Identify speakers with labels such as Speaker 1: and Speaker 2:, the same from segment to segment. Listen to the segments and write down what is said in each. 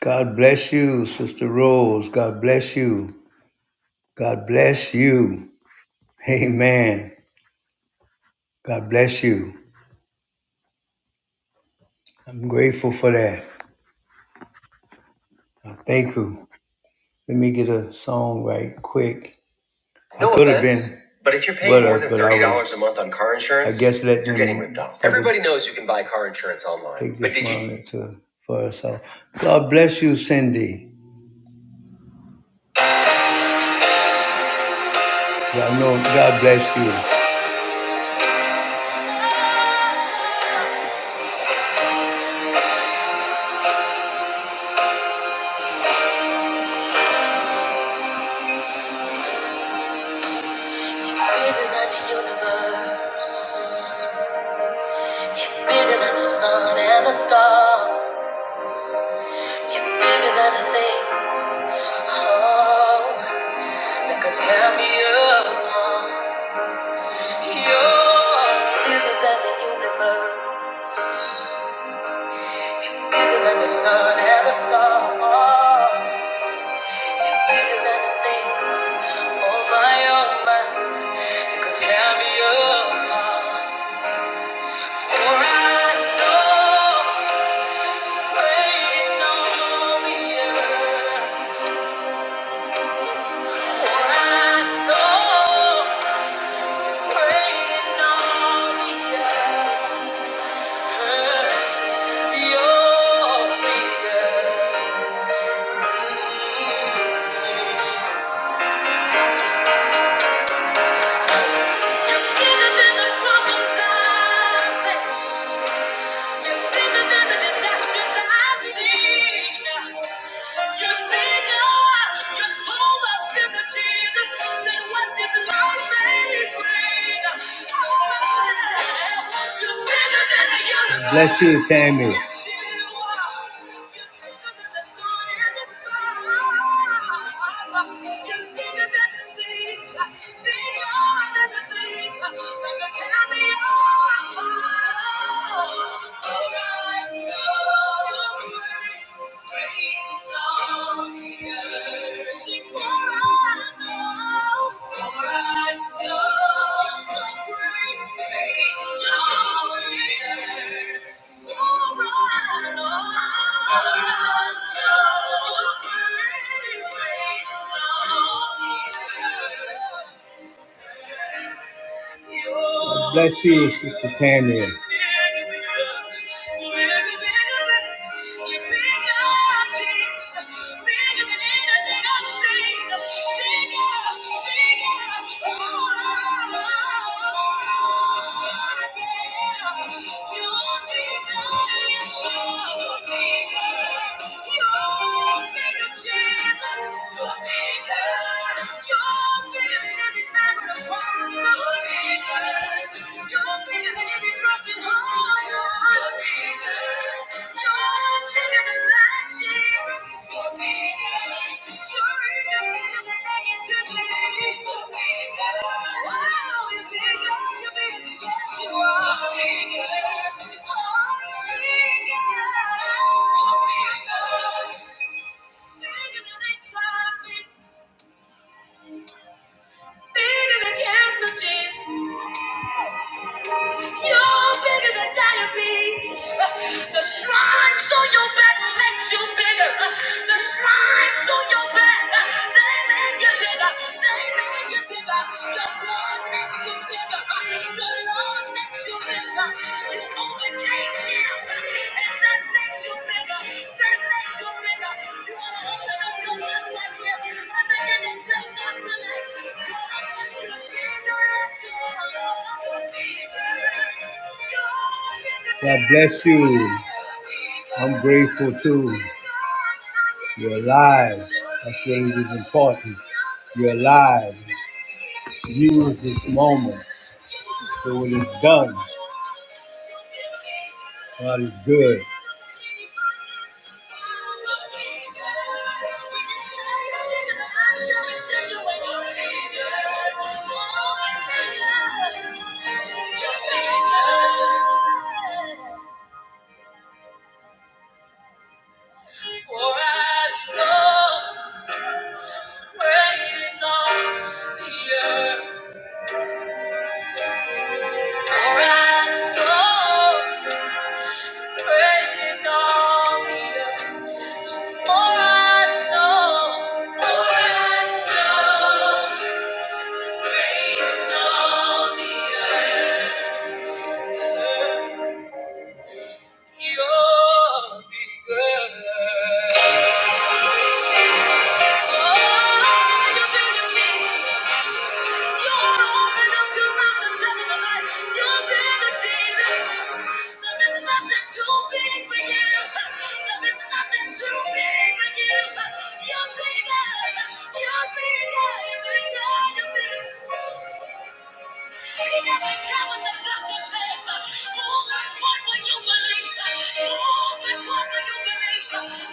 Speaker 1: God bless you, Sister Rose. God bless you. God bless you. Amen. God bless you. I'm grateful for that. I thank you. Let me get a song right quick. I No I could have offense, been. But if you're paying more than thirty dollars a month on car insurance, I guess let you're getting ripped off. Everybody knows you can buy car insurance online. Take but this did you- to for herself. God bless you, Cindy. I know God bless you. Bigger than the universe, bigger than the sun and the stars. You're bigger than the things, oh, that could tear me apart. You're bigger than the universe, bigger than the sun and the stars. You're bigger than the things, oh my, oh my, that could tear me apart. For I know. Waiting on the earth, For I know. Yeah. so Oh, Bless you, Samuel. Yes, Thank you. God bless you, Sister Tammy bigger than Thank you. Bigger than cancer, Jesus. You're bigger than diabetes. The stripes on your back makes you bigger. The stripes on your back, they make you bigger. They make you bigger. Your blood makes you bigger. The God bless you. I'm grateful too. You're alive. That's what is important. You're alive. Use this moment. So when it's done, God is good. For I know waiting on the earth. For I know waiting on the earth. For I know, for I know, reign on the earth, you will be good.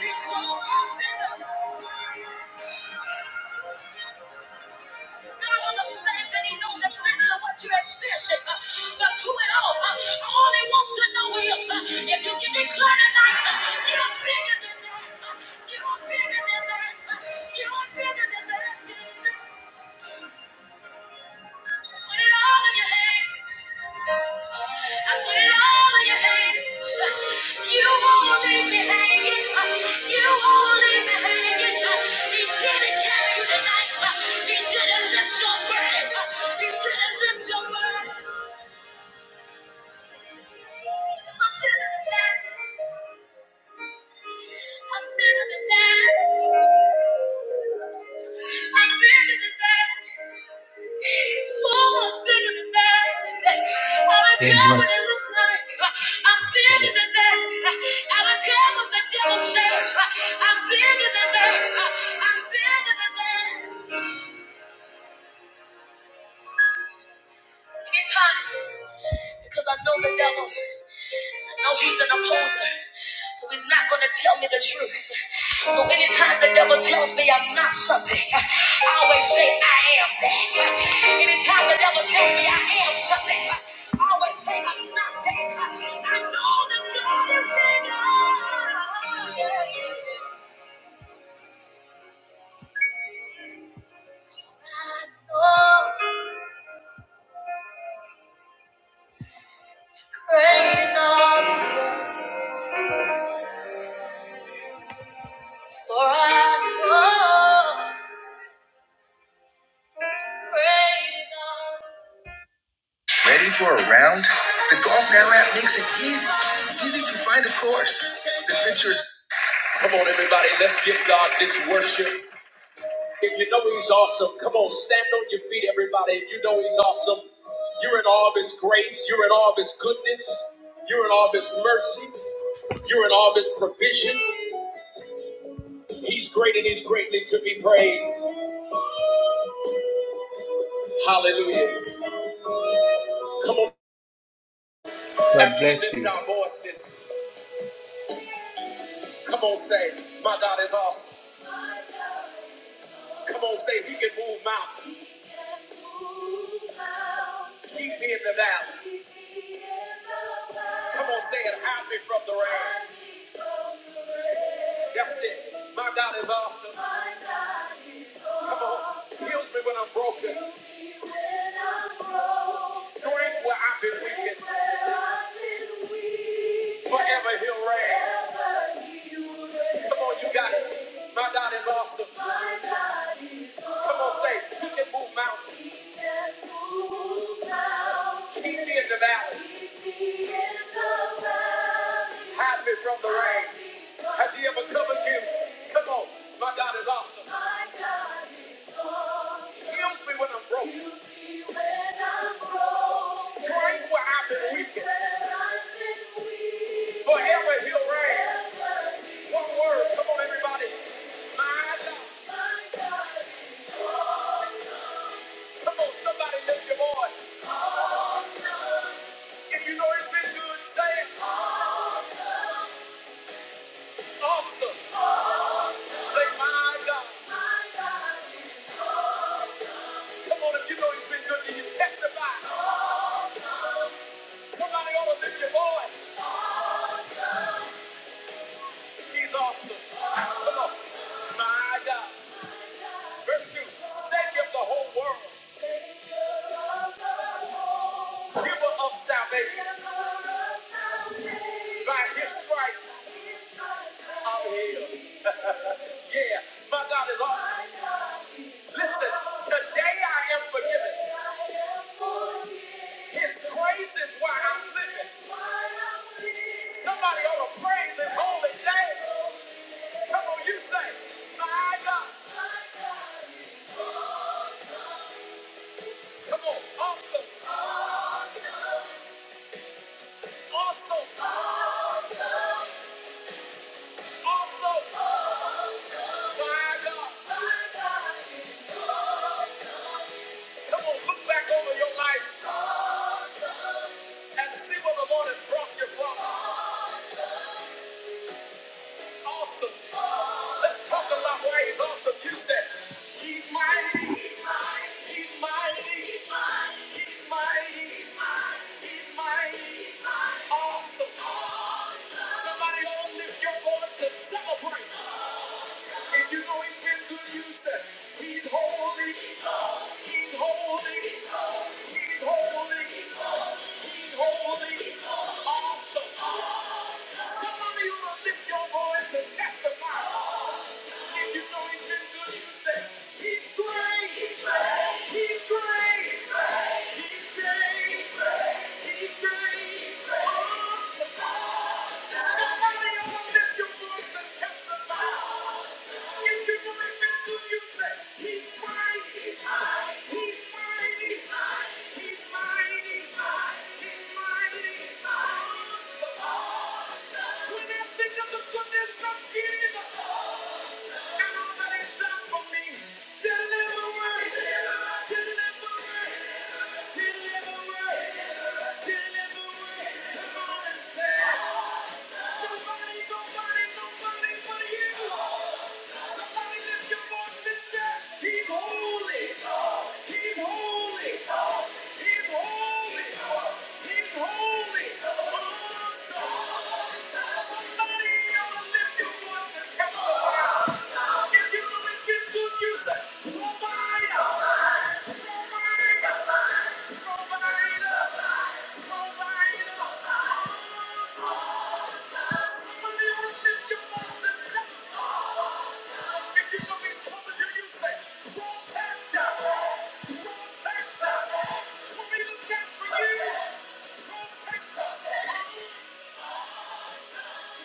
Speaker 1: It's so often. God understands and He knows exactly what you're experiencing. uh, But through it all, uh, all He wants to know is uh, if you can declare tonight, uh, you're bigger than that. uh, You're bigger than that. uh, You're bigger than that. Jesus. Put it all in your hands. I put it all in your hands. You won't leave You won't leave me hanging. He's carry you tonight. He's here to lift your burden. He's here to lift your burden. I'm better than that. I'm better than that. I'm better than that. So much bigger than that. I don't Yes. care what it looks like. I'm bigger than that. I don't care what the devil says. I'm bigger than that. I'm bigger than that. It's hot because I know the devil. No, he's an opposer. So he's not going to tell me the truth. So anytime the devil tells me I'm not something, I always say I am that. Anytime the devil tells me I am something, I always say I'm not that. I know that God is bigger. Oh, great enough for us. Oh, great enough. Ready for a round? The Golf Now app makes it easy, easy to find a course that fits your. Come on, everybody, let's give God this worship. If you know He's awesome, come on, stand on your feet, everybody. If you know He's awesome, you're in all of His grace, you're in all of His goodness, you're in all of His mercy, you're in all of His provision. He's great and He's greatly to be praised. Hallelujah. Come on, God bless you. lift our voices. Come on, say, My God is awesome. Come on, say he can move mountains. Keep me in the valley. Come on, say it. Hide me from the rain. That's it. My God is awesome. Come on. Heals me when I'm broken. Strength where I've been weakened. Forever he'll reign. Come on, you got it. My God is awesome. Come on, say he can move mountains. Keep me in the valley. Hide me from the rain. Has he ever covered you? Come on. My God is awesome. Heals me when I'm broken. Strength where I've been weakened. Forever he'll reign. One word. Come on, everybody. My God. Come on, somebody lift your voice. If you know he's been good, say it. awesome. Say my God. Come on, if you know he's been good, do you testify? Somebody ought to lift your voice. He's awesome. Come on. My God. Verse 2. Savior of the whole world. Giver of salvation. By his stripes, I'm healed. yeah, my God is awesome. Listen, today I am forgiven. His praise is why I'm living. Somebody ought to praise his holy name. Come on, you say, my God. Come on, awesome, awesome, awesome, my God. Come on, look back over your life. and see where the Lord has brought you from. Awesome. Let's talk about why he's awesome. You said, He's mighty. He's mighty. He's mighty. He's mighty. He's mighty, he's mighty, Awesome. Somebody all lift your voice and celebrate. If you know he's been good, you said, He's holy. He's holy. He's holy. He's holy. he's holy, Awesome. Somebody will lift your voice and testify. If you know he's been good, you say, He's great. He's great. He's great. When I think of the goodness of Jesus, Somebody ought to lift your voice and tell 'em.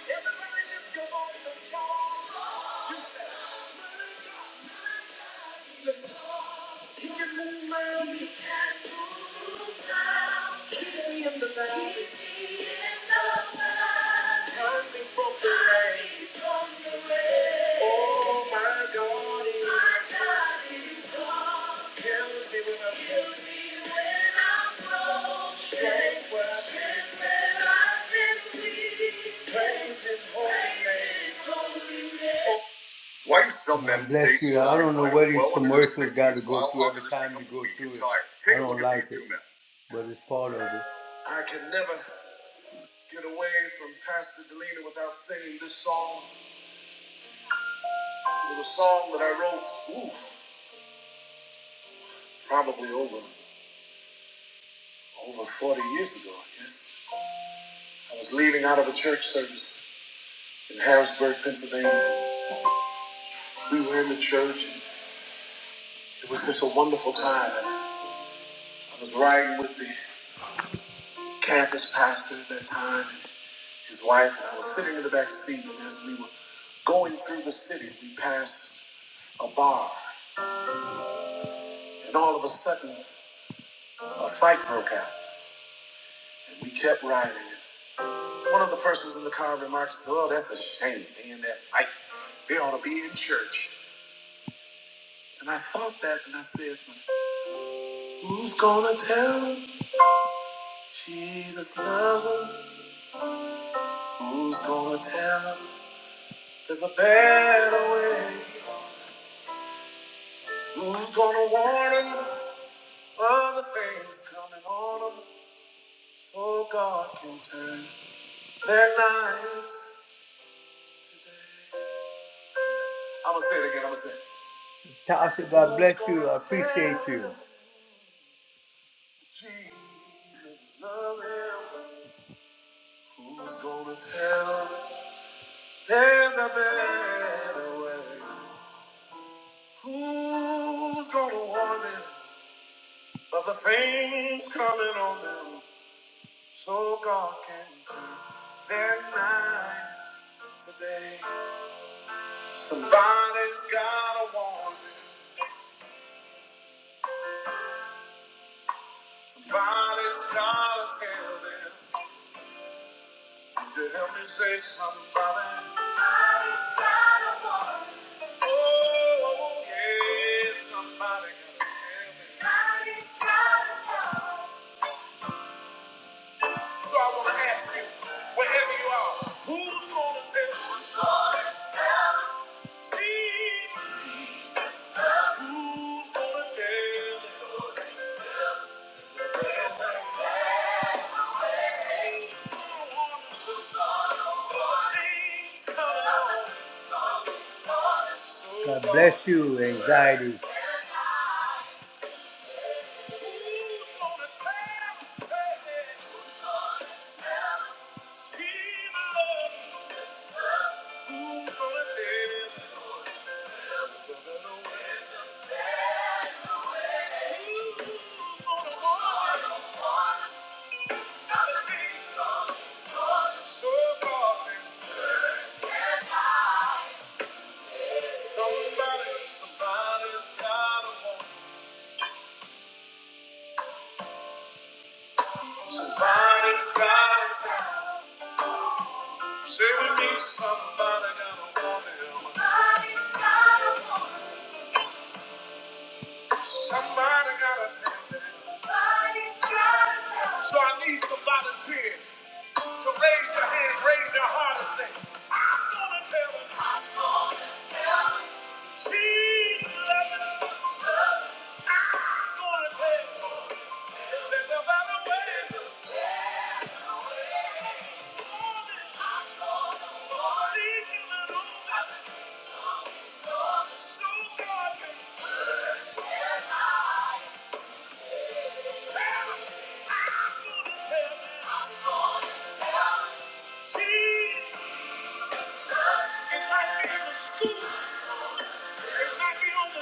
Speaker 1: Everybody lift your voice and shout. He can move mountains. He can move mountains. Keep me in the valley. Keep me in the valley. Hide me from the rain. Hide me from the rain. Oh, my God is- My God is awesome. Carries me when I'm low. Carries me when I'm broken. Strength where I've been weak. Praise his holy name. Praise name. Why do some men Bless you. I don't know what these well under commercials got to go through every others time you become go through it. I I don't like it, but it's part of it. I can never get away from Pastor Delina without singing this song. It was a song that I wrote, ooh, probably over over 40 years ago, I guess. Tasha got. Oh, yeah, somebody gotta tell me. So I want to ask you, wherever you are, who's going to tell you? Who's going to tell Jesus. Who's going to tell you? God bless you, anxiety. Who's gonna tell 'em, say it? Who's gonna tell 'em? Somebody's gotta want. Somebody's gotta tell. Say with me, somebody gotta want him. Somebody gotta tell him. Somebody's gotta tell him. So I need some volunteers. So raise your hand, raise your heart, and say, I'm gonna tell him. Thank you.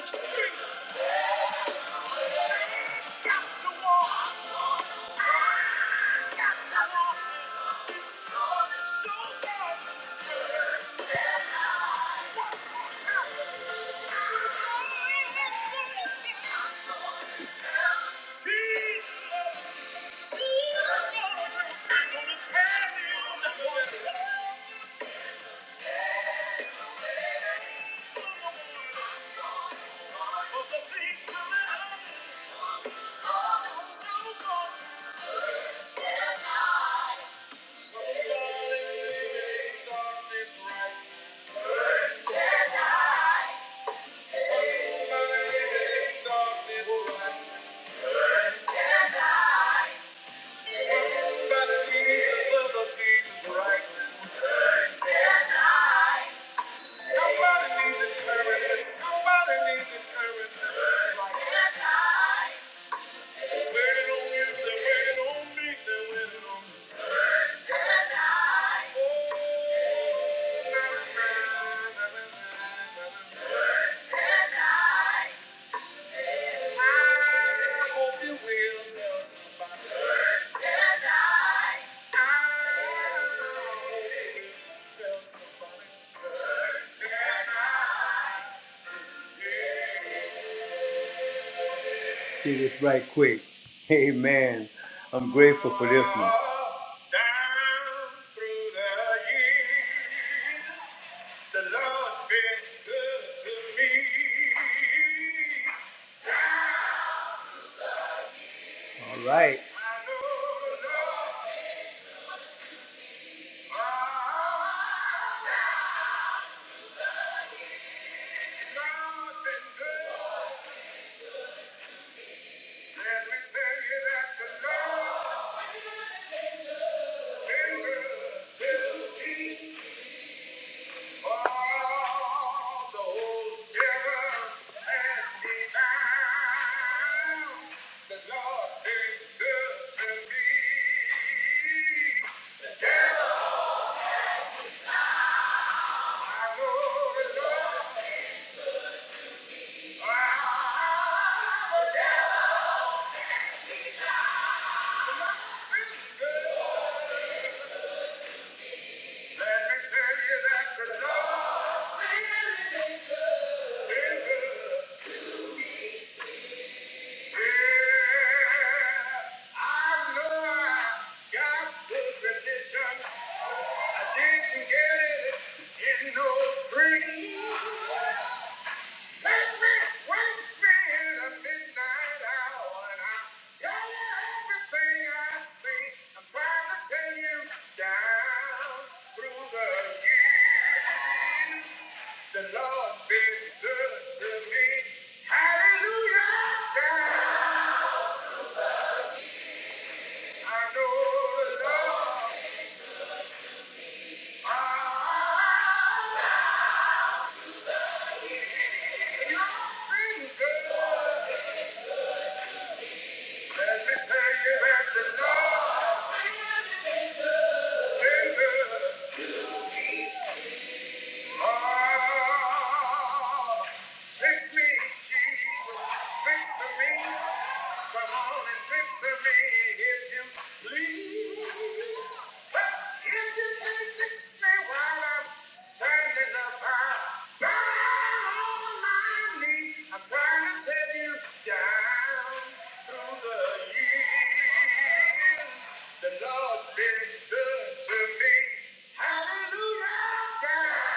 Speaker 1: Street. Got to walk. Jesus! Tonight. Thank you. See this right quick. Amen. I'm grateful for this one. All right. Yeah. I didn't get it in no free. The Lord been good to me. Hallelujah. Yeah. I know the Lord. Ah, You've been good. Let me tell you that the Lord been good. Oh, fix me, Jesus, fix me. Come on and fix me if you please. If you can fix me while I'm standing up, I'll bow on my knee. I'm trying to tell you down through the years, the Lord been good to me. Hallelujah. God.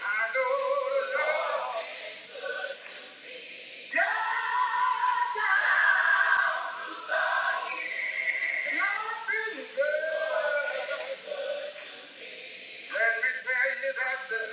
Speaker 1: Good, good, good, good, good, has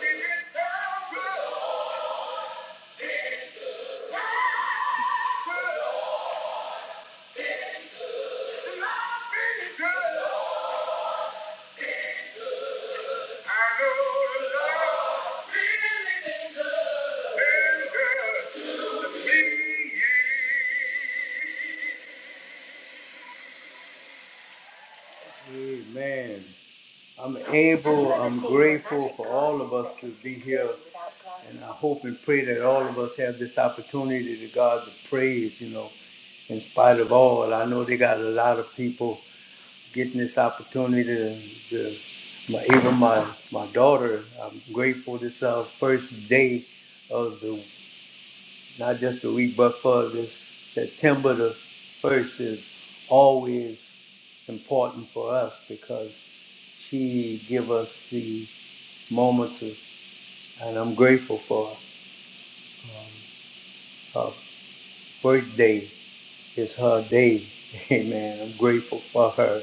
Speaker 1: been so good. Amen. I'm able, I'm grateful for all of us to be here. And I hope and pray that all of us have this opportunity to God to praise, you know, in spite of all. I know they got a lot of people getting this opportunity to, to my, even my, my daughter. I'm grateful this uh, first day of the, not just the week, but for this September the 1st is always important for us because she give us the moment to, and I'm grateful for her birthday is her day. Amen. I'm grateful for her.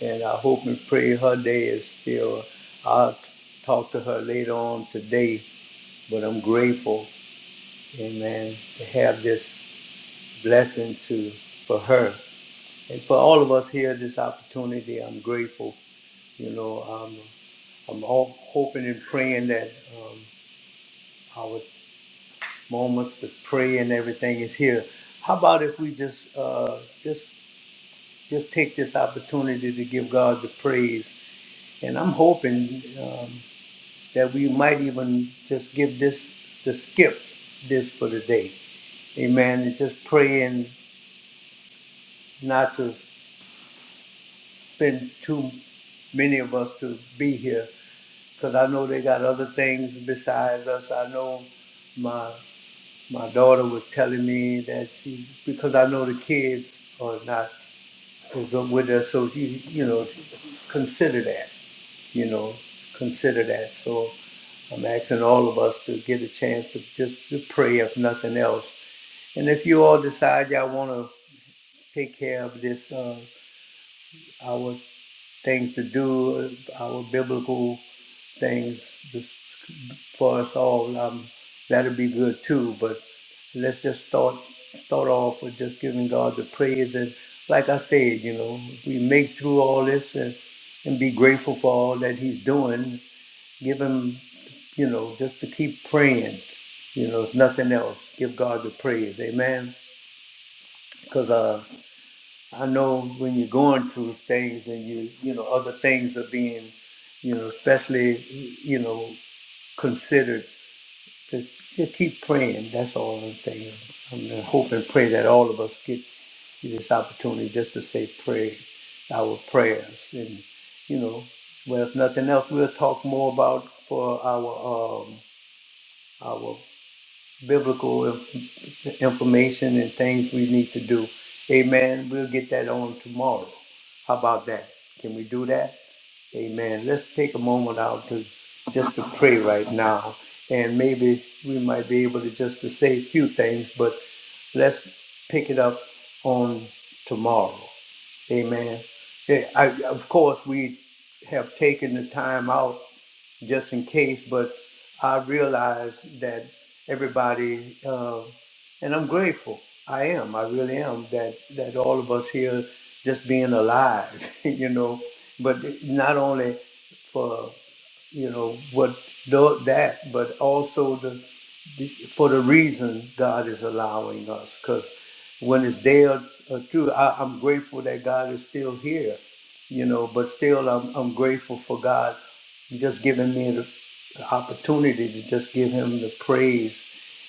Speaker 1: and I hope and pray her day is still. I'll talk to her later on today, but I'm grateful, amen, to have this blessing to for her and for all of us here. This opportunity, I'm grateful. You know, I'm I'm all hoping and praying that um, our moments to pray and everything is here. How about if we just uh, just just take this opportunity to give God the praise? And I'm hoping. Um, that we might even just give this the skip this for the day. Amen. And just praying not to spend too many of us to be here because I know they got other things besides us. I know my my daughter was telling me that she because I know the kids are not is with us, so you you know consider that you know consider that. So I'm asking all of us to get a chance to just to pray, if nothing else. And if you all decide y'all want to take care of this, uh, our things to do, uh, our biblical things just for us all, um, that'll be good too. But let's just start start off with just giving God the praise. And like I said, you know, if we make through all this and, and be grateful for all that He's doing. Give Him. you know, just to keep praying, you know, if nothing else, give God the praise. Amen. Because uh, I know when you're going through things and you, you know, other things are being, you know, especially, you know, considered, to, to keep praying. That's all I'm saying. I'm gonna hope and pray that all of us get this opportunity just to say prayer, our prayers. And, you know, well, if nothing else, we'll talk more about for our. Um, our biblical inf- information and things we need to do. Amen. We'll get that on tomorrow. How about that? Can we do that? Amen. Let's take a moment out to just to pray right now, and maybe we might be able to just to say a few things, but let's pick it up on tomorrow. Amen. Yeah, I, of course, we have taken the time out just in case. But I realized that everybody, uh, and I'm grateful. I am. I really am. That that all of us here just being alive, you know. But not only for you know what tho- that, but also for the reason God is allowing us. Because when it's there, uh, true, I, I'm grateful that God is still here, you know. But still, I'm, I'm grateful for God just giving me the, the opportunity to just give Him the praise,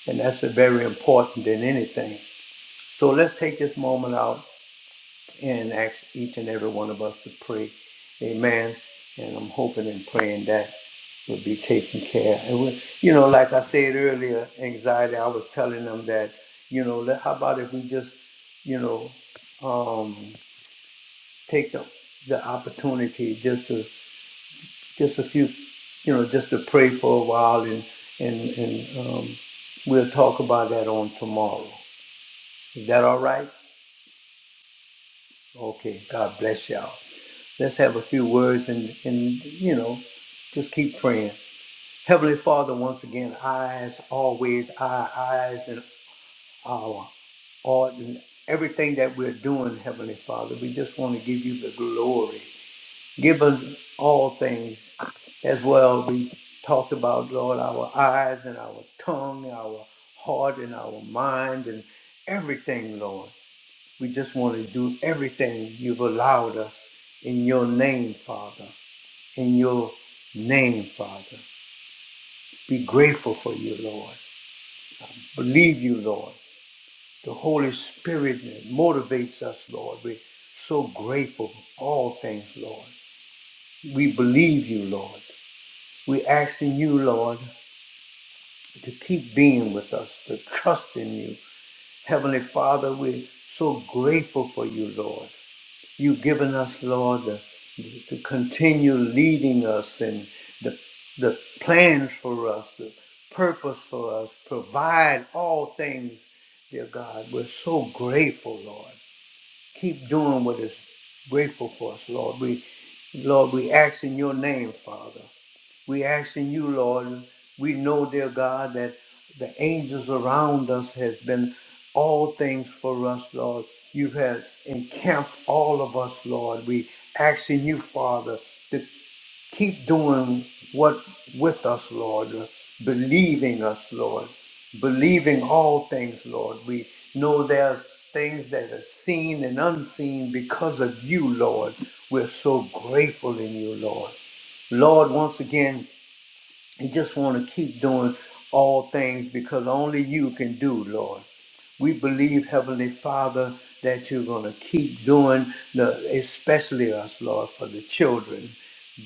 Speaker 1: and that's very important than anything. So let's take this moment out and ask each and every one of us to pray. Amen. And I'm hoping and praying that will be taken care. And we, you know, like I said earlier, anxiety. I was telling them that, you know, let- how about if we just, you know, um, take the the opportunity just to just a few, you know, just to pray for a while, and and and um, we'll talk about that on tomorrow. Is that all right? Okay. God bless y'all. Let's have a few words and, and you know, just keep praying. Heavenly Father, once again, eyes, always our eyes and our all and everything that we're doing, Heavenly Father, we just want to give you the glory. Give us all things as well. We talked about, Lord, our eyes and our tongue, our heart and our mind and everything, Lord. We just want to do everything you've allowed us in your name, Father in your name, Father. Be grateful for you, Lord. Believe you, Lord. The Holy Spirit motivates us, Lord. We're so grateful for all things, Lord. We believe you, Lord. We're asking you, Lord, to keep being with us, to trust in you. Heavenly Father, we're so grateful for you, Lord. You've given us, Lord, the, the, to continue leading us and the, the plans for us, the purpose for us. Provide all things, dear God. We're so grateful, Lord. Keep doing what is grateful for us, Lord. We, Lord, we ask in your name, Father. We asking you, Lord, we know, dear God, that the angels around us has been all things for us, Lord. You've had encamped all of us, Lord. We asking you, Father, to keep doing what with us, Lord, uh, believing us, Lord, believing all things, Lord. We know there's things that are seen and unseen because of you, Lord. We're so grateful in you, Lord. Lord, once again, you just want to keep doing all things because only you can do, Lord. We believe, Heavenly Father, that you're going to keep doing the, especially us, Lord, for the children.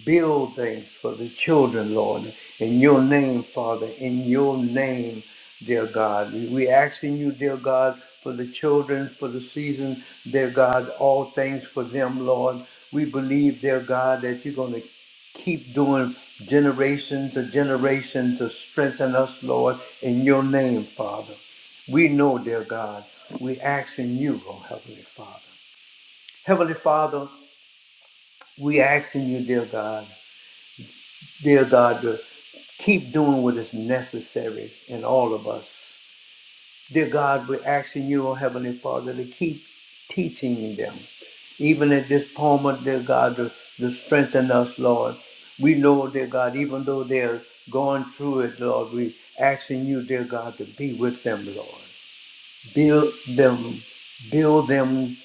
Speaker 1: Build things for the children, Lord, in your name, Father, in your name, dear God. We asking you, dear God, for the children, for the season, dear God, all things for them, Lord. We believe, dear God, that you're going to keep doing generation to generation to strengthen us, Lord, in your name, Father. We know, dear God, we asking you, oh Heavenly Father. Heavenly Father, we asking you, dear God, dear God, to keep doing what is necessary in all of us. Dear God, we're asking you, oh Heavenly Father, to keep teaching them. Even at this moment, dear God, to, to strengthen us, Lord. We know, dear God, even though they're going through it, Lord, we asking you, dear God, to be with them, Lord. Build them, build them,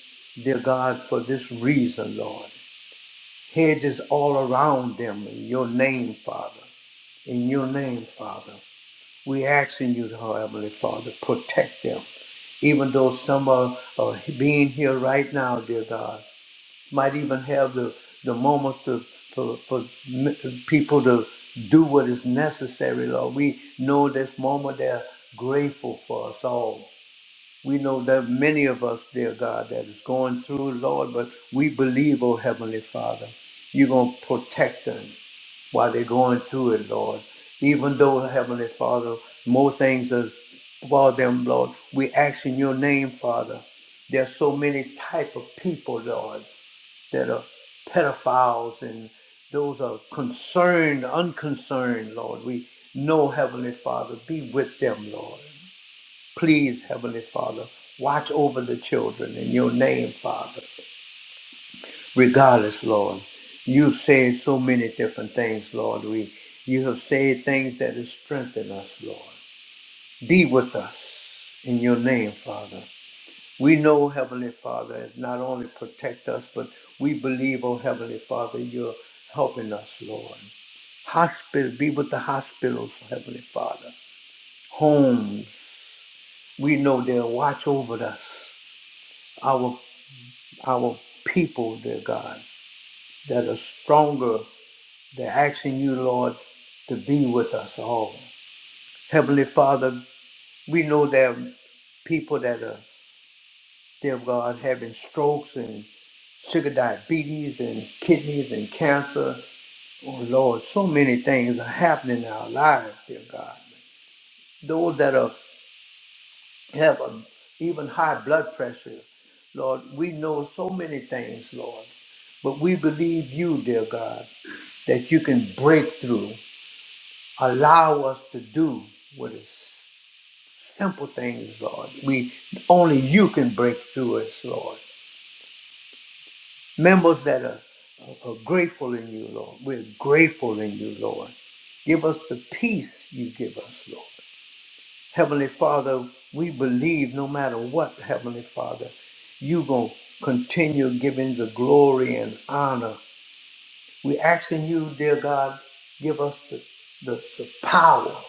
Speaker 1: dear God, for this reason, Lord. Hedges all around them in your name, Father. In your name, Father. We asking you, Heavenly Father, protect them. Even though some are, are being here right now, dear God, might even have the, the moments to, for, for m- people to do what is necessary, Lord. We know this moment they're grateful for us all. We know that many of us, dear God, that is going through, Lord, but we believe, oh Heavenly Father, you're going to protect them while they're going through it, Lord. Even though, Heavenly Father, more things are about them, Lord, we ask in your name, Father. There's so many type of people, Lord, that are pedophiles and those are concerned, unconcerned, Lord. We know, Heavenly Father, be with them, Lord. Please, Heavenly Father, watch over the children in your name, Father, regardless, Lord. You've said so many different things, Lord. We, you have said things that have strengthened us, Lord. Be with us in your name, Father. We know, Heavenly Father, it not only protect us, but we believe, oh Heavenly Father, you're helping us, Lord. Hospital, be with the hospitals, Heavenly Father. Homes, we know they'll watch over us. Our our people, dear God, that are stronger. They're asking you, Lord, to be with us all. Heavenly Father, we know there are people that are, dear God, having strokes and sugar diabetes and kidneys and cancer. Oh Lord, so many things are happening in our lives, dear God. Those that are have a, even high blood pressure, Lord, we know so many things, Lord. But we believe you, dear God. that you can break through. Allow us to do what is simple things, Lord. We only you can break through us, Lord. Members that are, are are grateful in you, Lord. We're grateful in you, Lord. Give us the peace you give us, Lord. Heavenly Father, we believe no matter what, Heavenly Father, you going to continue giving the glory and honor. we asking you, dear God, give us the, the, the power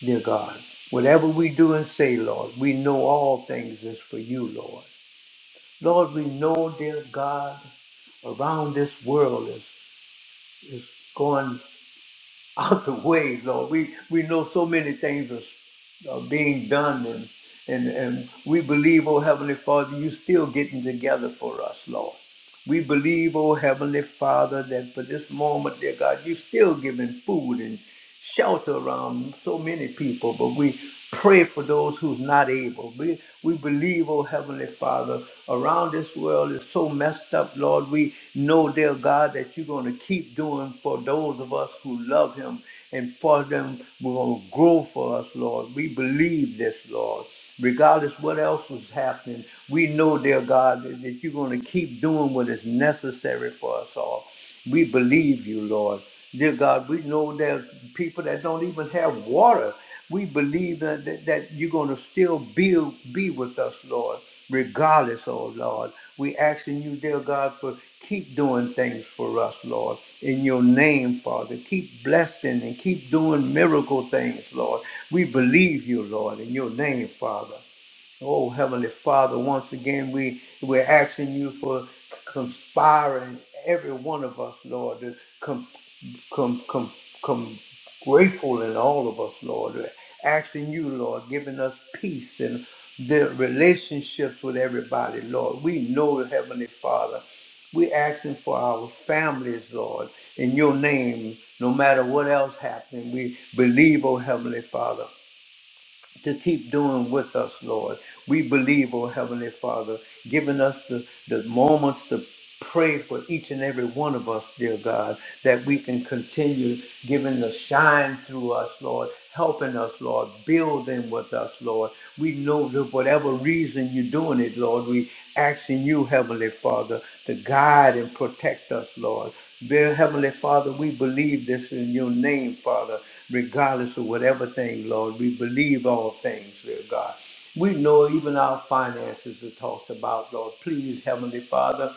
Speaker 1: dear God. Whatever we do and say, Lord, we know all things is for you, Lord. Lord, we know, dear God, around this world is is going out the way, Lord. We we know so many things are, are being done and and and we believe, oh Heavenly Father, you still getting together for us, Lord. We believe, oh Heavenly Father, that for this moment, dear God, you still giving food and shelter around so many people, but we pray for those who's not able. We we believe, oh Heavenly Father, around this world is so messed up, Lord. We know, dear God, that you're gonna keep doing for those of us who love him and for them we're gonna grow for us, Lord. We believe this, Lord. Regardless what else was happening, we know, dear God, that that you're gonna keep doing what is necessary for us all. We believe you, Lord. Dear God, we know there's people that don't even have water. We believe that, that, that you're going to still be, be with us, Lord, regardless, oh Lord. we asking you, dear God, for keep doing things for us, Lord. In your name, Father, keep blessing and keep doing miracle things, Lord. We believe you, Lord, in your name, Father. Oh, Heavenly Father, once again, we, we're asking you for conspiring every one of us, Lord, to come, come, come, come grateful in all of us, Lord, asking you, Lord, giving us peace and the relationships with everybody, Lord. We know, Heavenly Father, we asking for our families, Lord, in your name, no matter what else happening. We believe, oh Heavenly Father to keep doing with us, Lord. We believe, oh Heavenly Father, giving us the, the moments to pray for each and every one of us, dear God, that we can continue giving the shine through us, Lord, helping us, Lord, building with us, Lord. We know that whatever reason you're doing it, Lord, we asking you, Heavenly Father, to guide and protect us, Lord. Dear Heavenly Father, we believe this in your name, Father, regardless of whatever thing, Lord. We believe all things, dear God. We know even our finances are talked about, Lord. Please, Heavenly Father.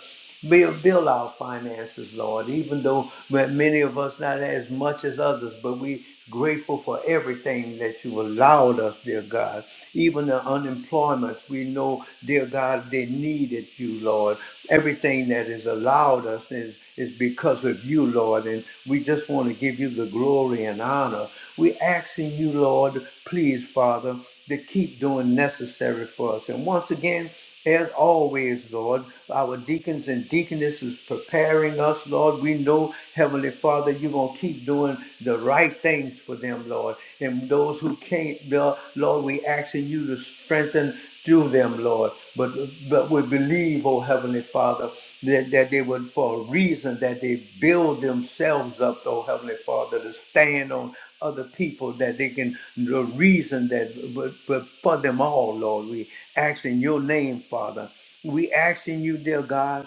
Speaker 1: Build, build our finances, Lord, even though ma- many of us not as much as others, but we grateful for everything that you allowed us, dear God. Even the unemployments, we know, dear God, they needed you, Lord. Everything that is allowed us is, is because of you, Lord, and we just want to give you the glory and honor. we asking you, Lord, please, Father, to keep doing necessary for us. And once again, as always, Lord, our deacons and deaconesses preparing us, Lord. We know, Heavenly Father, you're going to keep doing the right things for them, Lord. And those who can't, Lord, we asking you to strengthen through them, Lord. But, but we believe, oh Heavenly Father, that, that they would, for a reason, that they build themselves up, oh Heavenly Father, to stand on other people that they can reason that but, but for them all lord we ask in your name father we ask in you dear god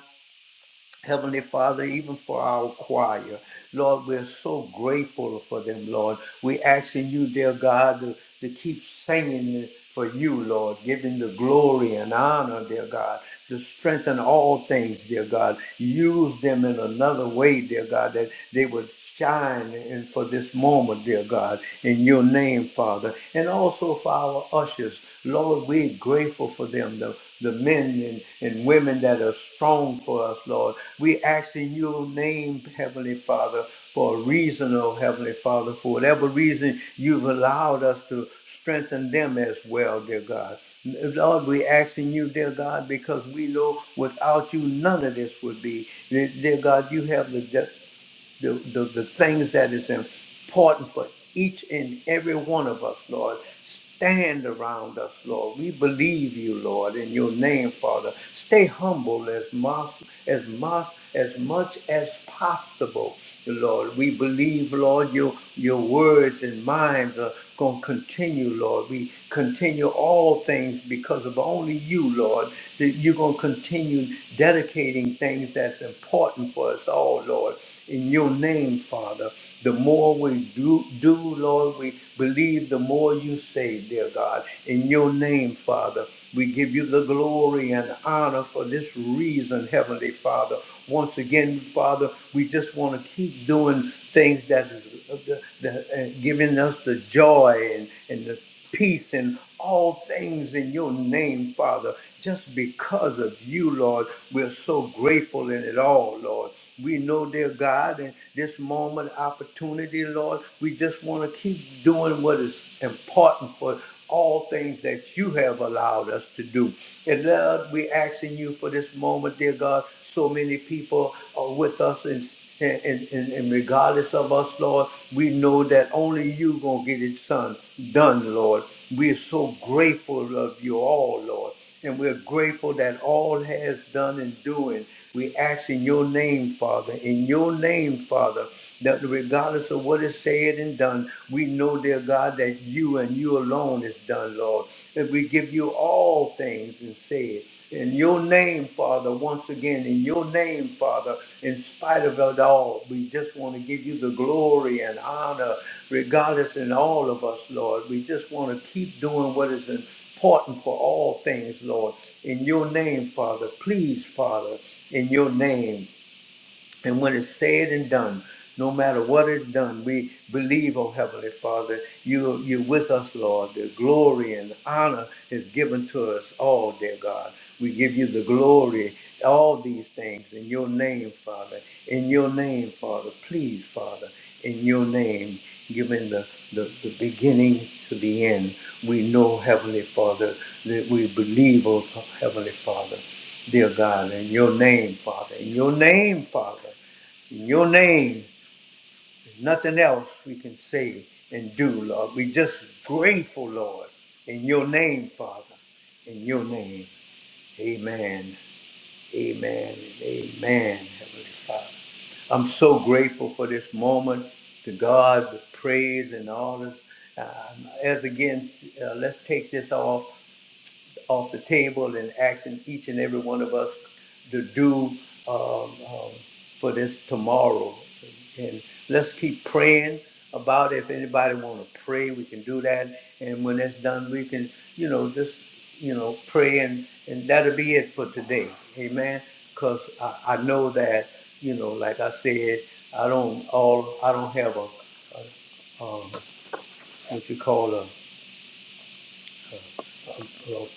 Speaker 1: Heavenly Father, even for our choir, Lord, we're so grateful for them, Lord. we asking you, dear God, to, to keep singing for you, Lord, giving the glory and honor, dear God, to strengthen all things, dear God. Use them in another way, dear God, that they would shine in for this moment, dear God, in your name, Father. And also for our ushers, Lord, we're grateful for them, the the men and, and women that are strong for us, Lord. We ask in your name, Heavenly Father, for a reason, oh Heavenly Father, for whatever reason you've allowed us to strengthen them as well, dear God. Lord, we asking you, dear God, because we know without you none of this would be. Dear God, you have the the, the, the things that is important for each and every one of us, Lord. Stand around us, Lord. We believe you, Lord, in your name, Father. Stay humble as much as much as much as possible, Lord. We believe, Lord, your your words and minds are gonna continue, Lord. We continue all things because of only you, Lord. That you're gonna continue dedicating things that's important for us all, Lord in your name, Father. The more we do, do, Lord, we believe the more you save, dear God. In your name, Father, we give you the glory and honor for this reason, Heavenly Father. Once again, Father, we just want to keep doing things that is of the, the, uh, giving us the joy and, and the peace and all things in your name, Father. Just because of you, Lord, we're so grateful in it all, Lord. We know, dear God, in this moment, opportunity, Lord, we just want to keep doing what is important for all things that you have allowed us to do. And Lord, we're asking you for this moment, dear God. So many people are with us in and, and, and and regardless of us, Lord, we know that only you gonna get it son, done, Lord. We're so grateful of you all, Lord. And we're grateful that all has done and doing. We ask in your name, Father, in your name, Father, that regardless of what is said and done, we know, dear God, that you and you alone is done, Lord. And we give you all things and say it. In your name, Father, once again, in your name, Father, in spite of it all, we just want to give you the glory and honor, regardless in all of us, Lord. We just want to keep doing what is important for all things, Lord. In your name, Father, please, Father, in your name. And when it's said and done, no matter what is done, we believe, oh Heavenly Father, you, you're with us, Lord. The glory and honor is given to us all, dear God. We give you the glory, all these things in your name, Father. In your name, Father. Please, Father, in your name, given the, the, the beginning to the end, we know, Heavenly Father, that we believe, oh Heavenly Father dear God, in your name, Father, in your name, Father, in your name. There's nothing else we can say and do, Lord. we just grateful, Lord, in your name, Father, in your name. Amen, amen, and amen, Heavenly Father. I'm so grateful for this moment. To God, the praise and all this. Uh, as again, uh, let's take this off off the table and asking each and every one of us to do um, um, for this tomorrow. And let's keep praying about it. If anybody want to pray, we can do that. And when that's done, we can, you know, just, you know, pray and, and that'll be it for today. Amen. Because I, I know that, you know, like I said, I don't all, I don't have a, um, what you call a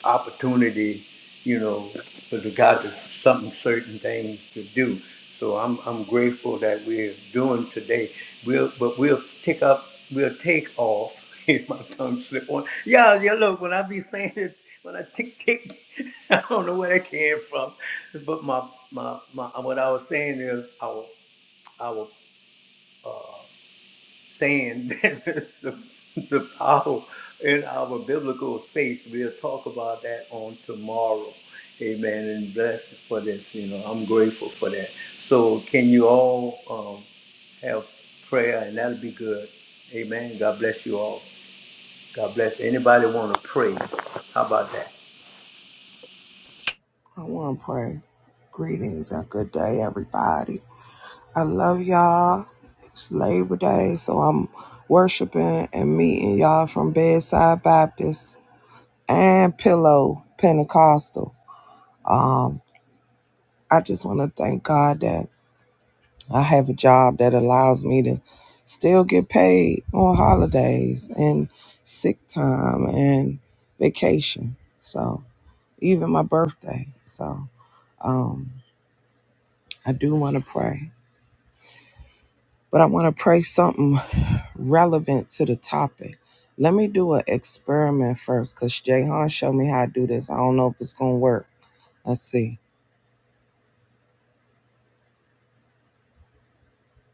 Speaker 1: opportunity, you know, with regard to something, certain things to do. So I'm, I'm grateful that we're doing today. We'll, but we'll take up, we'll take off. If My tongue slip on. Yeah, yeah. Look, when I be saying it, when I tick tick, I don't know where that came from. But my my my, what I was saying is our our saying that the, the power in our biblical faith. We'll talk about that on tomorrow. Amen. And blessed for this. You know, I'm grateful for that. So, can you all um, have prayer, and that'll be good. Amen. God bless you all. God bless anybody want to pray. How about that?
Speaker 2: I want to pray. Greetings and good day, everybody. I love y'all. It's Labor Day, so I'm worshiping and meeting y'all from Bedside Baptist and Pillow Pentecostal. Um, I just want to thank God that I have a job that allows me to still get paid on holidays and sick time and vacation. So even my birthday. So um, I do want to pray. but I want to pray something relevant to the topic. Let me do an experiment first because Jahan showed me how to do this. I don't know if it's going to work. Let's see.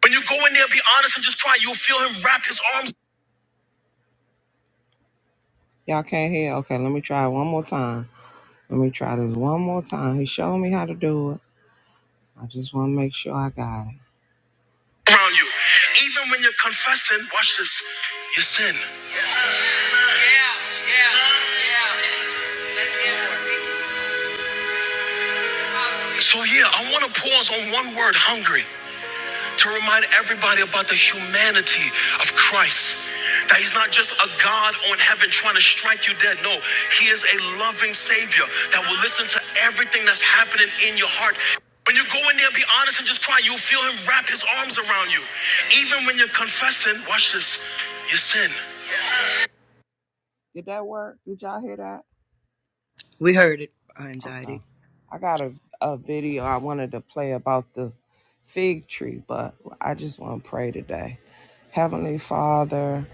Speaker 2: When you go in there, be honest and just try. You'll feel him wrap his arms. Y'all can't hear. Okay, let me try it one more time. Let me try this one more time. He showed me how to do it. I just want to make sure I got it. Around you, even when you're confessing, watch this, your sin. Yeah, yeah, yeah. So, yeah, I want to pause on one word hungry to remind everybody about the humanity of Christ. That he's not just a God on heaven trying to strike you dead. No, he is a loving Savior that will listen to everything that's happening in your heart. When you go in there, be honest and just cry, you'll feel him wrap his arms around you. Even when you're confessing, watch this, your sin. Did that work? Did y'all hear that?
Speaker 3: We heard it, our
Speaker 2: Okay.
Speaker 3: anxiety.
Speaker 2: I got a, a video I wanted to play about the fig tree, but I just want to pray today. Heavenly Father,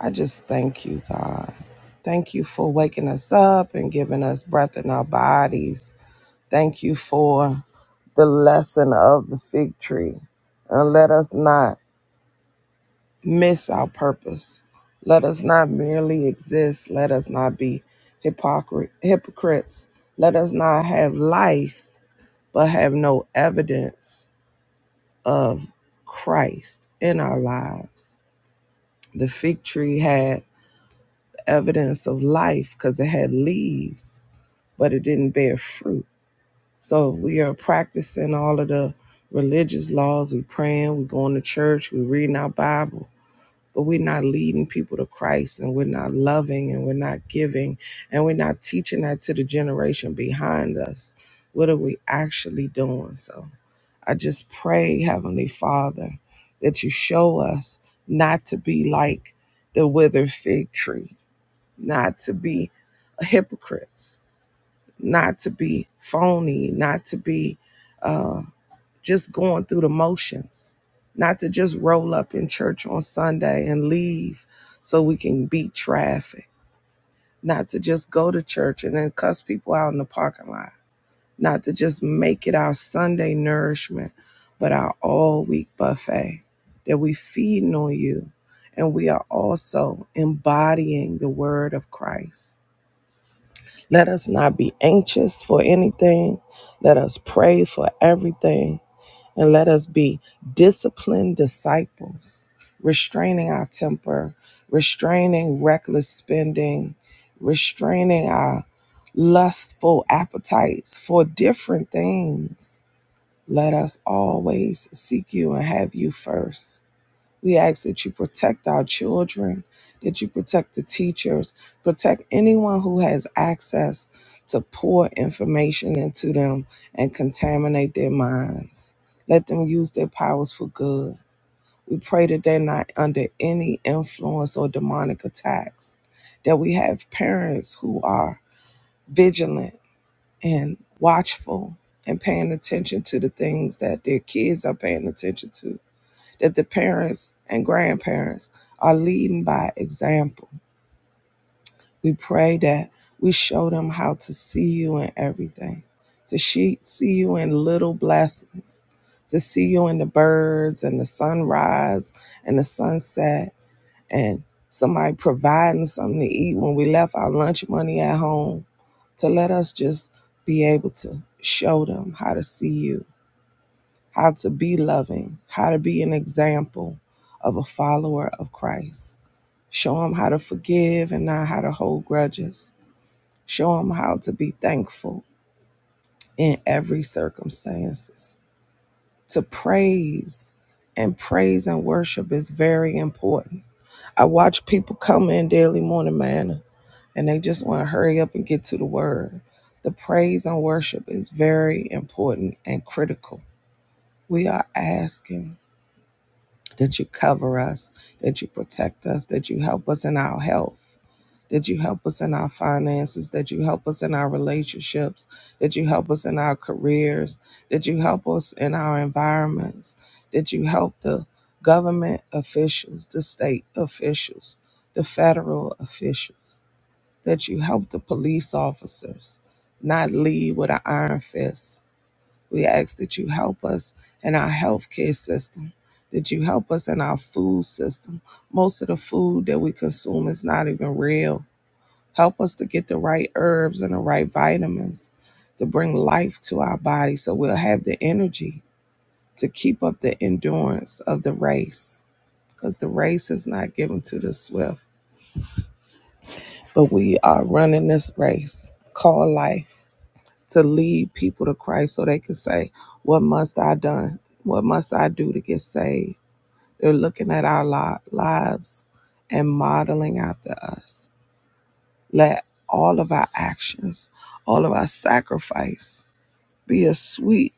Speaker 2: I just thank you, God. Thank you for waking us up and giving us breath in our bodies. Thank you for the lesson of the fig tree. And let us not miss our purpose. Let us not merely exist. Let us not be hypocrite, hypocrites. Let us not have life but have no evidence of Christ in our lives. The fig tree had evidence of life because it had leaves, but it didn't bear fruit. So if we are practicing all of the religious laws, we praying, we going to church, we reading our Bible, but we're not leading people to Christ and we're not loving and we're not giving and we're not teaching that to the generation behind us, what are we actually doing? So I just pray, Heavenly Father, that you show us not to be like the withered fig tree, not to be hypocrites, not to be phony, not to be uh, just going through the motions, not to just roll up in church on Sunday and leave so we can beat traffic, not to just go to church and then cuss people out in the parking lot, not to just make it our Sunday nourishment, but our all week buffet that we feeding on you. And we are also embodying the word of Christ. Let us not be anxious for anything. Let us pray for everything and let us be disciplined disciples, restraining our temper, restraining reckless spending, restraining our lustful appetites for different things. Let us always seek you and have you first we ask that you protect our children, that you protect the teachers, protect anyone who has access to pour information into them and contaminate their minds. Let them use their powers for good. We pray that they're not under any influence or demonic attacks, that we have parents who are vigilant and watchful and paying attention to the things that their kids are paying attention to that the parents and grandparents are leading by example. We pray that we show them how to see you in everything, to see you in little blessings, to see you in the birds and the sunrise and the sunset, and somebody providing something to eat when we left our lunch money at home, to let us just be able to show them how to see you how to be loving, how to be an example of a follower of Christ. Show them how to forgive and not how to hold grudges. Show them how to be thankful in every circumstances. To praise and praise and worship is very important. I watch people come in daily morning manna and they just want to hurry up and get to the word. The praise and worship is very important and critical. We are asking that you cover us, that you protect us, that you help us in our health, that you help us in our finances, that you help us in our relationships, that you help us in our careers, that you help us in our environments, that you help the government officials, the state officials, the federal officials, that you help the police officers not lead with an iron fist we ask that you help us in our healthcare system, that you help us in our food system. Most of the food that we consume is not even real. Help us to get the right herbs and the right vitamins to bring life to our body so we'll have the energy to keep up the endurance of the race because the race is not given to the swift, but we are running this race called life. to lead people to Christ so they could say, What must I done? What must I do to get saved? They're looking at our li- lives and modeling after us. Let all of our actions, all of our sacrifice be a sweet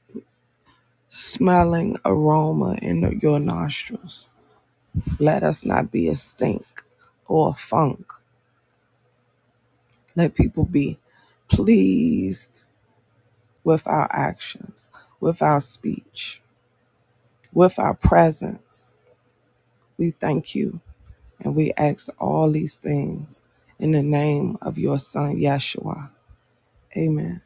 Speaker 2: smelling aroma in your nostrils. Let us not be a stink or a funk. Let people be pleased with our actions, with our speech, with our presence We thank you and we ask all these things in the name of your son, Yeshua. Amen.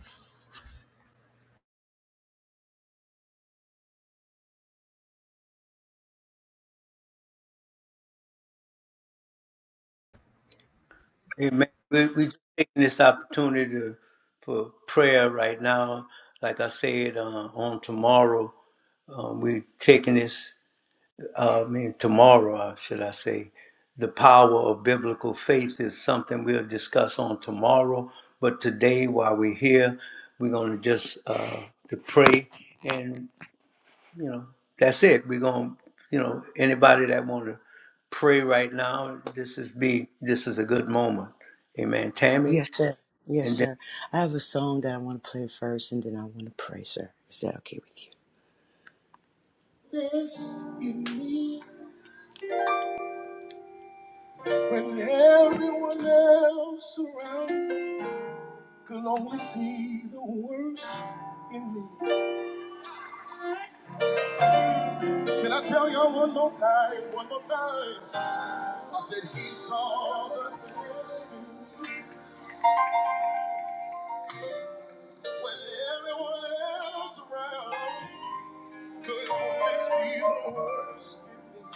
Speaker 1: Amen. We we just taking this opportunity to, for prayer right now. Like I said, uh, on tomorrow, um, we taking this uh, I mean, tomorrow, uh, should I say, the power of biblical faith is something we'll discuss on tomorrow. But today, while we're here, we're going to just uh, to pray, and you know, that's it. We're going, to you know, anybody that want to pray right now, this is be this is a good moment. Amen, Tammy.
Speaker 3: Yes, sir. Yes, sir. I have a song that I want to play first and then I want to pray, sir. Is that okay with you? This in me when everyone else around me could only see the worst in me. Can I tell y'all one more time? One more time. I said he saw the worst in me when everyone else around could only see the worst in me.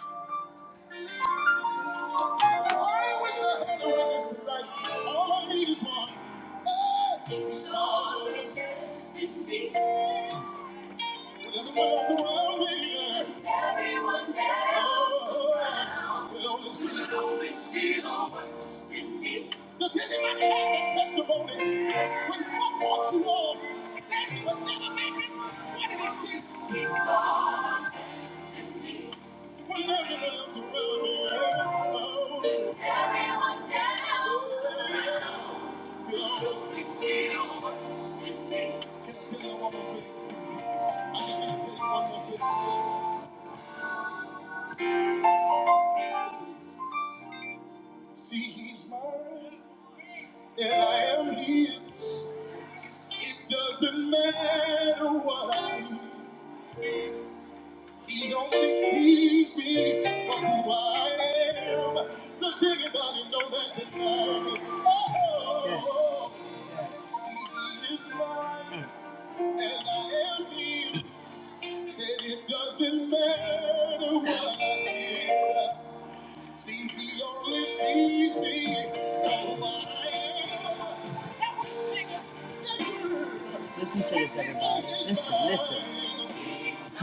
Speaker 3: I wish I had a witness tonight. All I need is one. Someone to test me. When everyone else around me, everyone else around, me, will only see, will only see the worst in me. Does anybody have a testimony? When some walks you off, said you would never make it, what did he see? He saw the best in me. When everyone else around me, oh, everyone else around. me. Can I tell you one more thing? I just need to tell you one more thing. See, he's mine, and I am his. It doesn't matter what I do. He only sees me for who I am. Does anybody know that tonight? Oh, yes. see, he is mine, and I am his. Said it doesn't matter what I did. See, he only sees me how I am. Listen to this, everybody. Listen, listen. Huh?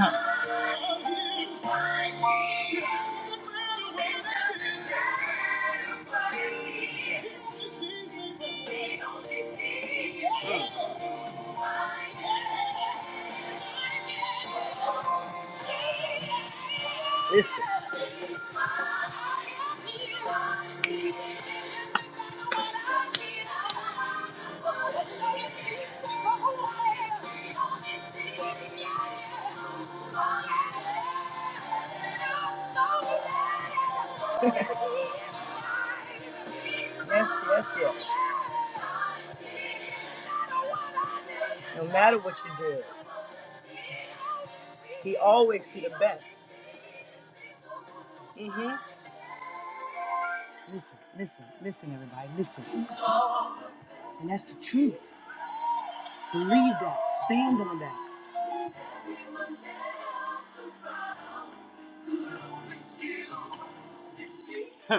Speaker 3: Listen. Yes, yes, yes. No matter what you do, he always see the best. Listen, listen, listen, everybody, listen. And that's the truth. Believe that. Stand on that.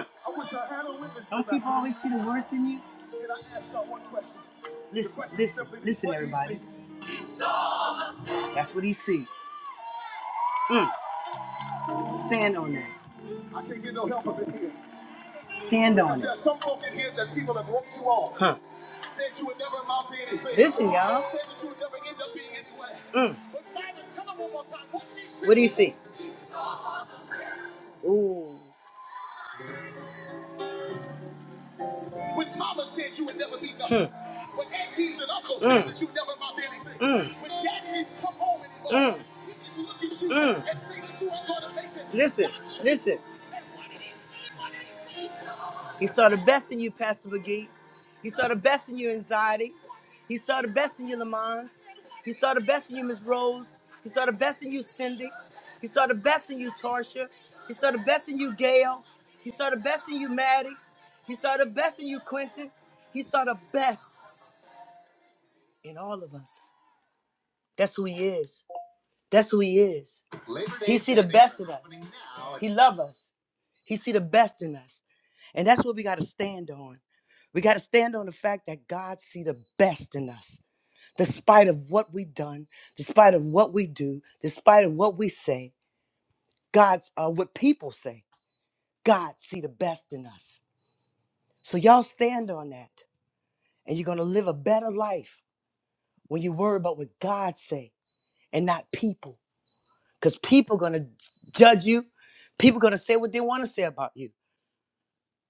Speaker 3: Don't people always see the worst in you? Can I ask one question? Listen, listen, listen, everybody. That's what he see. Mm. Stand on that. I can't get no help up in here. Stand on it. There's some folk in here that people have wrote you off. Huh. Said you would never amount to anything. Listen, y'all. Said that you would never end up being anywhere. Mm. But Bible, tell them one more time. What do you see? What do you see? Ooh. When mama said you would never be nothing. Mm. When aunties and uncles mm. said Mm. that you never amount to anything. Mm. When daddy didn't come home anymore. Mm. He can look at you Mm. and say that you ain't gonna make it. Listen, listen. he saw the best in you, Pastor McGee. He saw the best in you, anxiety. He saw the best in you, Lamons. He saw the best in you, Miss Rose. He saw the best in you, Cindy. He saw the best in you, Tarsha. He saw the best in you, Gail. He saw the best in you, Maddie. He saw the best in you, Quentin. He saw the best in all of us. That's who he is. That's who he is. Labor Day he see the best in us. He love us. He see the best in us. And that's what we got to stand on. We got to stand on the fact that God see the best in us despite of what we done, despite of what we do, despite of what we say, God's uh, what people say. God see the best in us. So y'all stand on that, and you're gonna live a better life when you worry about what God say and not people, because people gonna judge you. People gonna say what they want to say about you.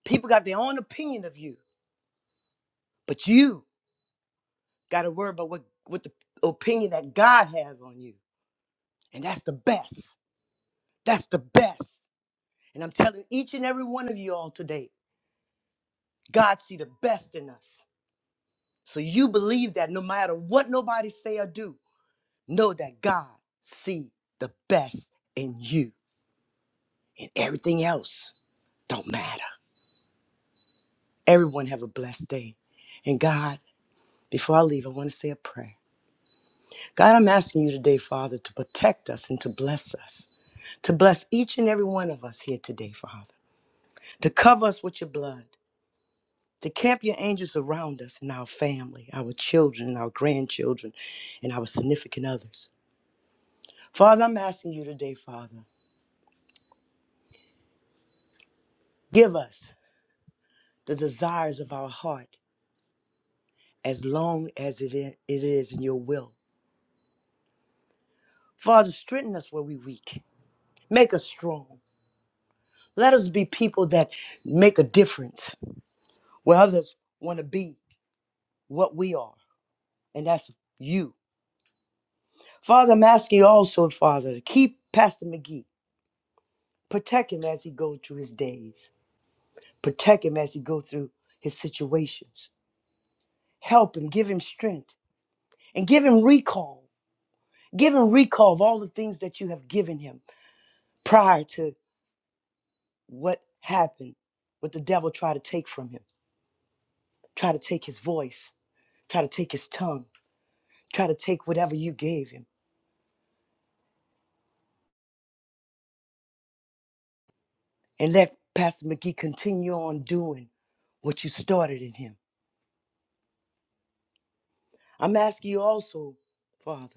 Speaker 3: People got their own opinion of you, but you gotta worry about what what the opinion that God has on you, and that's the best. That's the best. And I'm telling each and every one of you all today, God see the best in us. So you believe that no matter what nobody say or do, know that God see the best in you and everything else don't matter. Everyone have a blessed day. And God, before I leave, I want to say a prayer. God, I'm asking you today, Father, to protect us and to bless us, to bless each and every one of us here today, Father, to cover us with your blood, to camp your angels around us and our family, our children, our grandchildren, and our significant others. Father, I'm asking you today, Father, give us the desires of our heart as long as it i- it is in your will. Father, strengthen us where we're weak, make us strong. Let us be people that make a difference where others want to be what we are, and that's you. Father, I'm asking you also, Father, to keep Pastor McGee, protect him as he goes through his days. Protect him as he go through his situations. Help him, give him strength, and give him recall. Give him recall of all the things that you have given him prior to what happened, what the devil tried to take from him, try to take his voice, try to take his tongue, try to take whatever you gave him. And let Pastor McGee continue on doing what you started in him. I'm asking you also, Father,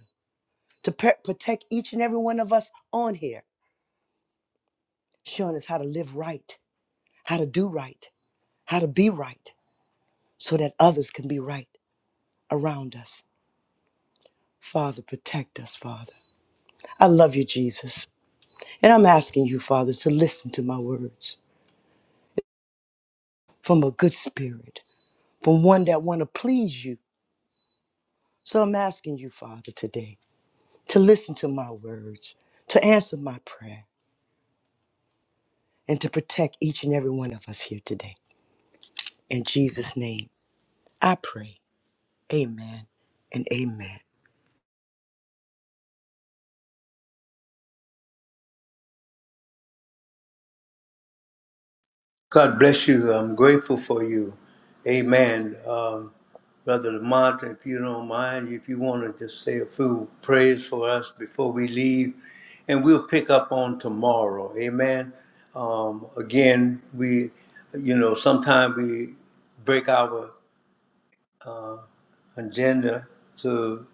Speaker 3: to pre- protect each and every one of us on here, showing us how to live right how to do right, how to be right, so that others can be right around us. Father, protect us, Father. I love you, Jesus. And I'm asking you, Father, to listen to my words from a good spirit, from one that want to please you. So I'm asking you, Father, today to listen to my words, to answer my prayer, and to protect each and every one of us here today. In Jesus' name, I pray. Amen and amen.
Speaker 1: God bless you. I'm grateful for you. Amen. Um, Brother Lamont, if you don't mind, if you want to just say a few prayers for us before we leave, and we'll pick up on tomorrow. Amen. Um, again, we, you know, sometimes we break our agenda to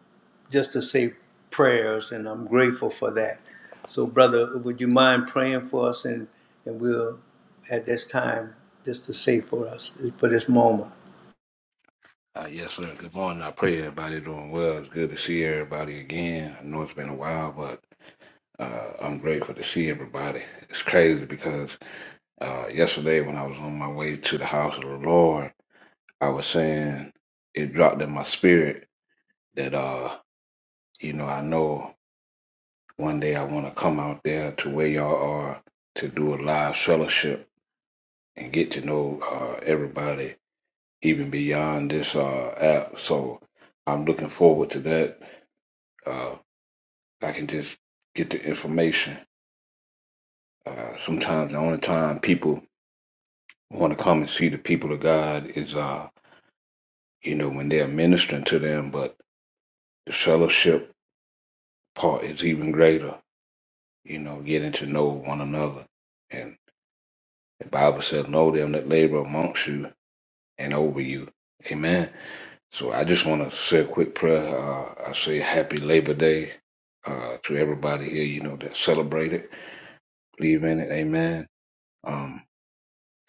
Speaker 1: just to say prayers, and I'm grateful for that. So, brother, would you mind praying for us, and, and we'll at this time just to say for us for this moment.
Speaker 4: Uh, yes, sir. Good morning. I pray everybody doing well. It's good to see everybody again. I know it's been a while, but uh, I'm grateful to see everybody. It's crazy because uh, yesterday when I was on my way to the house of the Lord, I was saying it dropped in my spirit that uh, you know, I know one day I want to come out there to where y'all are to do a live fellowship and get to know uh, everybody even beyond this uh, app. So I'm looking forward to that. Uh, I can just get the information. Uh, sometimes the only time people want to come and see the people of God is, uh, you know, when they're ministering to them. But the fellowship part is even greater. You know, getting to know one another, and the Bible says, "Know them that labor amongst you and over you." Amen. So I just want to say a quick prayer. Uh, I say Happy Labor Day uh, to everybody here. You know that celebrate it, believe in it. Amen. Um,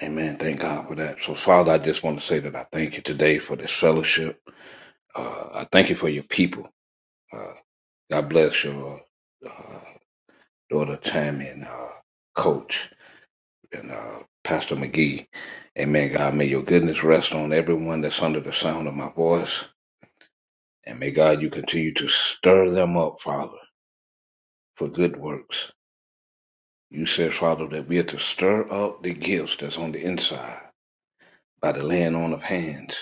Speaker 4: Amen. Thank God for that. So, Father, I just want to say that I thank you today for this fellowship. Uh, I thank you for your people. Uh, God bless your uh, daughter Tammy and uh, Coach and uh, Pastor McGee. Amen. God, may your goodness rest on everyone that's under the sound of my voice. And may God, you continue to stir them up, Father, for good works. You said, Father, that we are to stir up the gifts that's on the inside by the laying on of hands.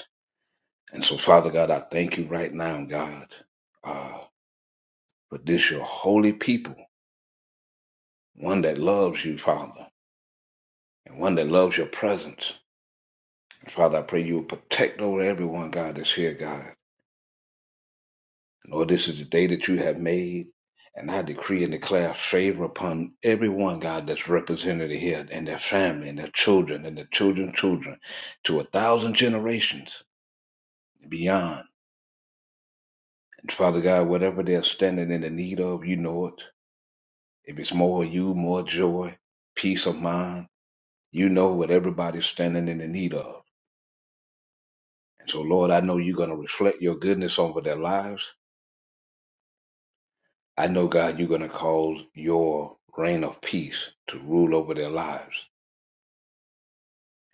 Speaker 4: And so, Father God, I thank you right now, God, uh, for this your holy people, one that loves you, Father, and one that loves your presence. And Father, I pray you will protect over everyone, God, that's here, God. Lord, this is the day that you have made, and I decree and declare favor upon everyone, God, that's represented here, and their family, and their children, and their children's children, to a thousand generations and beyond. And Father God, whatever they're standing in the need of, you know it. If it's more of you, more joy, peace of mind, you know what everybody's standing in the need of. And so, Lord, I know you're going to reflect your goodness over their lives. I know, God, you're going to cause your reign of peace to rule over their lives.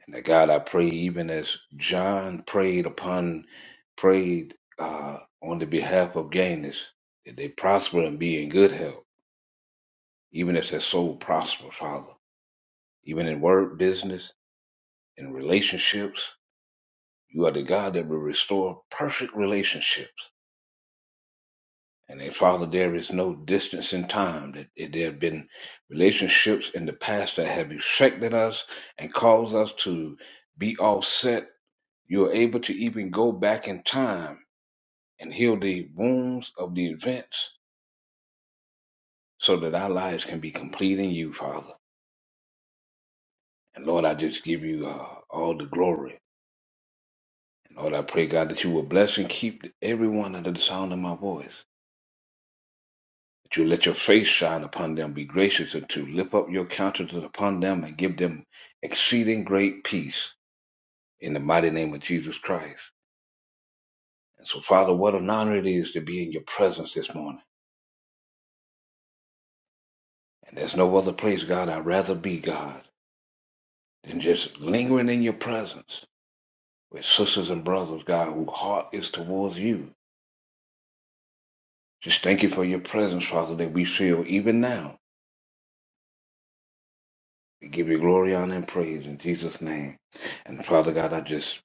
Speaker 4: And that, God, I pray, even as John prayed upon, prayed uh, on the behalf of Gaines, that they prosper and be in good health, even as their soul prospers, Father, even in work, business, in relationships. You are the God that will restore perfect relationships. And then, Father, there is no distance in time that there have been relationships in the past that have affected us and caused us to be offset. You are able to even go back in time and heal the wounds of the events so that our lives can be complete in you, Father. And Lord, I just give you uh, all the glory. And Lord, I pray, God, that you will bless and keep everyone under the sound of my voice. that you let your face shine upon them, be gracious unto, lift up your countenance upon them, and give them exceeding great peace in the mighty name of Jesus Christ. And so, Father, what an honor it is to be in your presence this morning. And there's no other place, God, I'd rather be, God, than just lingering in your presence with sisters and brothers, God, whose heart is towards you. Just thank you for your presence, Father, that we feel even now. We give you glory, honor, and praise in Jesus' name. And Father God, I just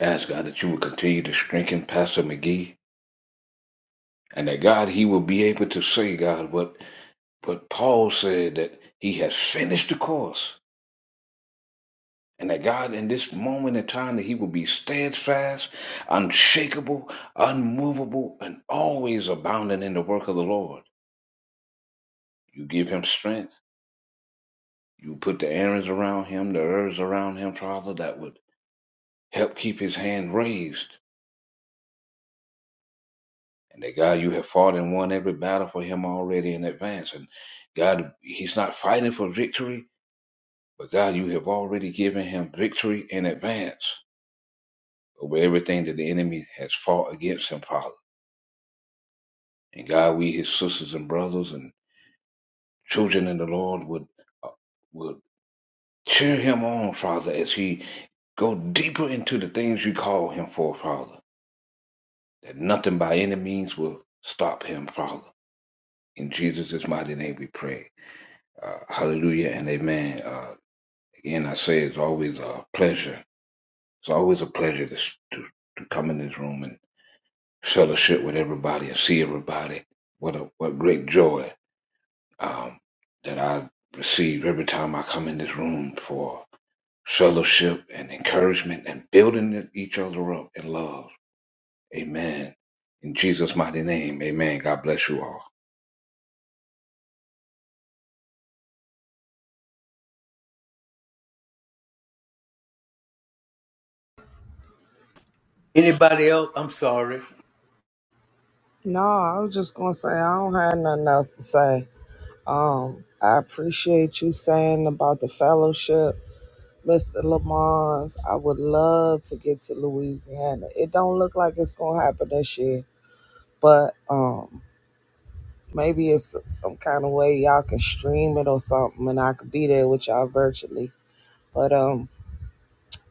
Speaker 4: Ask God that you will continue to strengthen Pastor McGee and that God, he will be able to say, God, what, what Paul said that he has finished the course. And that God, in this moment in time, that he will be steadfast, unshakable, unmovable, and always abounding in the work of the Lord. You give him strength. You put the errands around him, the herbs around him, Father, that would help keep his hand raised And that God, you have fought and won every battle for him already in advance. And God, he's not fighting for victory, but God, you have already given him victory in advance over everything that the enemy has fought against him, Father. And God, we, his sisters and brothers and children in the Lord, would, uh, would cheer him on, Father, as he go deeper into the things you call him for, Father, that nothing by any means will stop him, Father. In Jesus' mighty name we pray. Uh, hallelujah and amen. Uh, again, I say it's always a pleasure. It's always a pleasure to, s- to, to come in this room and fellowship with everybody and see everybody. What a what great joy um, that I receive every time I come in this room for fellowship and encouragement and building e-, each other up in love. Amen. In Jesus' mighty name, amen. God bless you all.
Speaker 1: Anybody else? I'm sorry.
Speaker 2: No, I was just going to say, I don't have nothing else to say. Um, I appreciate you saying about the fellowship. Mr. Lamont's, I would love to get to Louisiana. It don't look like it's gonna happen this year, but um, maybe it's some kind of way y'all can stream it or something, and I could be there with y'all virtually. But um,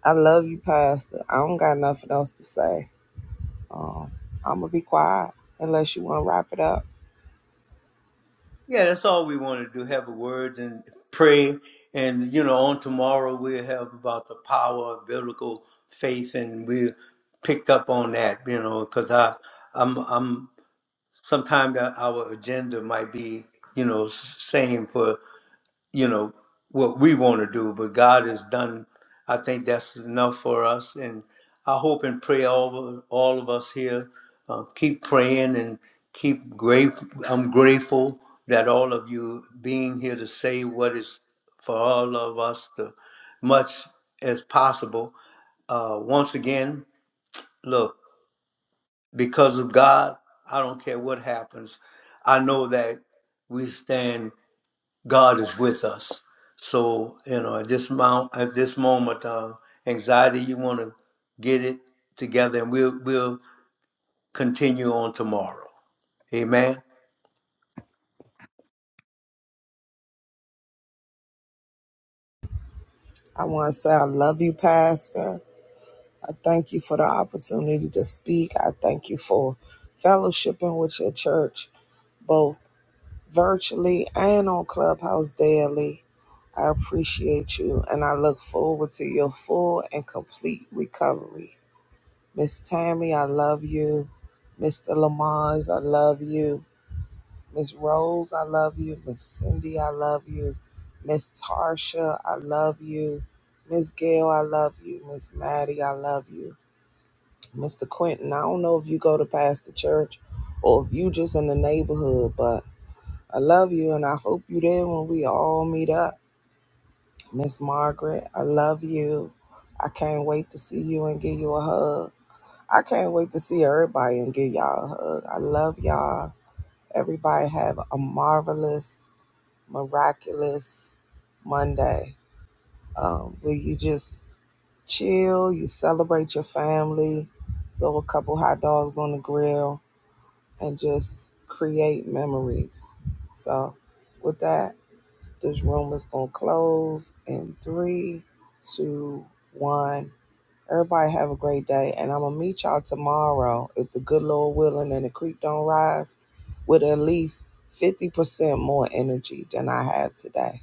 Speaker 2: I love you, Pastor. I don't got nothing else to say. I'm going to be quiet unless you want to wrap it up.
Speaker 1: Yeah, that's all we want to do. Have a word and pray, and you know, on tomorrow we'll have about the power of biblical faith, and we picked up on that, you know, because I, I'm, I'm. Sometimes our agenda might be, you know, same for you know what we want to do but god has done i think that's enough for us and i hope and pray all of, all of us here uh, keep praying and keep great i'm grateful that all of you being here to say what is for all of us to much as possible uh, once again look because of god i don't care what happens i know that we stand God is with us. So you know, at this mount, at this moment, uh, anxiety, you want to get it together, and we'll we'll continue on tomorrow. Amen.
Speaker 2: I want to say I love you, Pastor. I thank you for the opportunity to speak. I thank you for fellowshipping with your church, both virtually and on Clubhouse daily. I appreciate you and I look forward to your full and complete recovery. Miss Tammy, I love you. Mr. Lamont, I love you. Miss Rose, I love you. Miss Cindy, I love you. Miss Tarsha, I love you. Miss Gail, I love you. Miss Maddie, I love you. Mr. Quentin, I don't know if you go to Pastor Church or if you just in the neighborhood, but I love you and I hope you there when we all meet up. Miss Margaret, I love you. I can't wait to see you and give you a hug. I can't wait to see everybody and give y'all a hug. I love y'all. Everybody have a marvelous miraculous Monday um, where you just chill, you celebrate your family, throw a couple hot dogs on the grill, and just create memories. So, with that, this room is going to close in three, two, one. Everybody have a great day, and I'm gonna meet y'all tomorrow if the good Lord willing and the creek don't rise, with at least fifty percent more energy than I have today.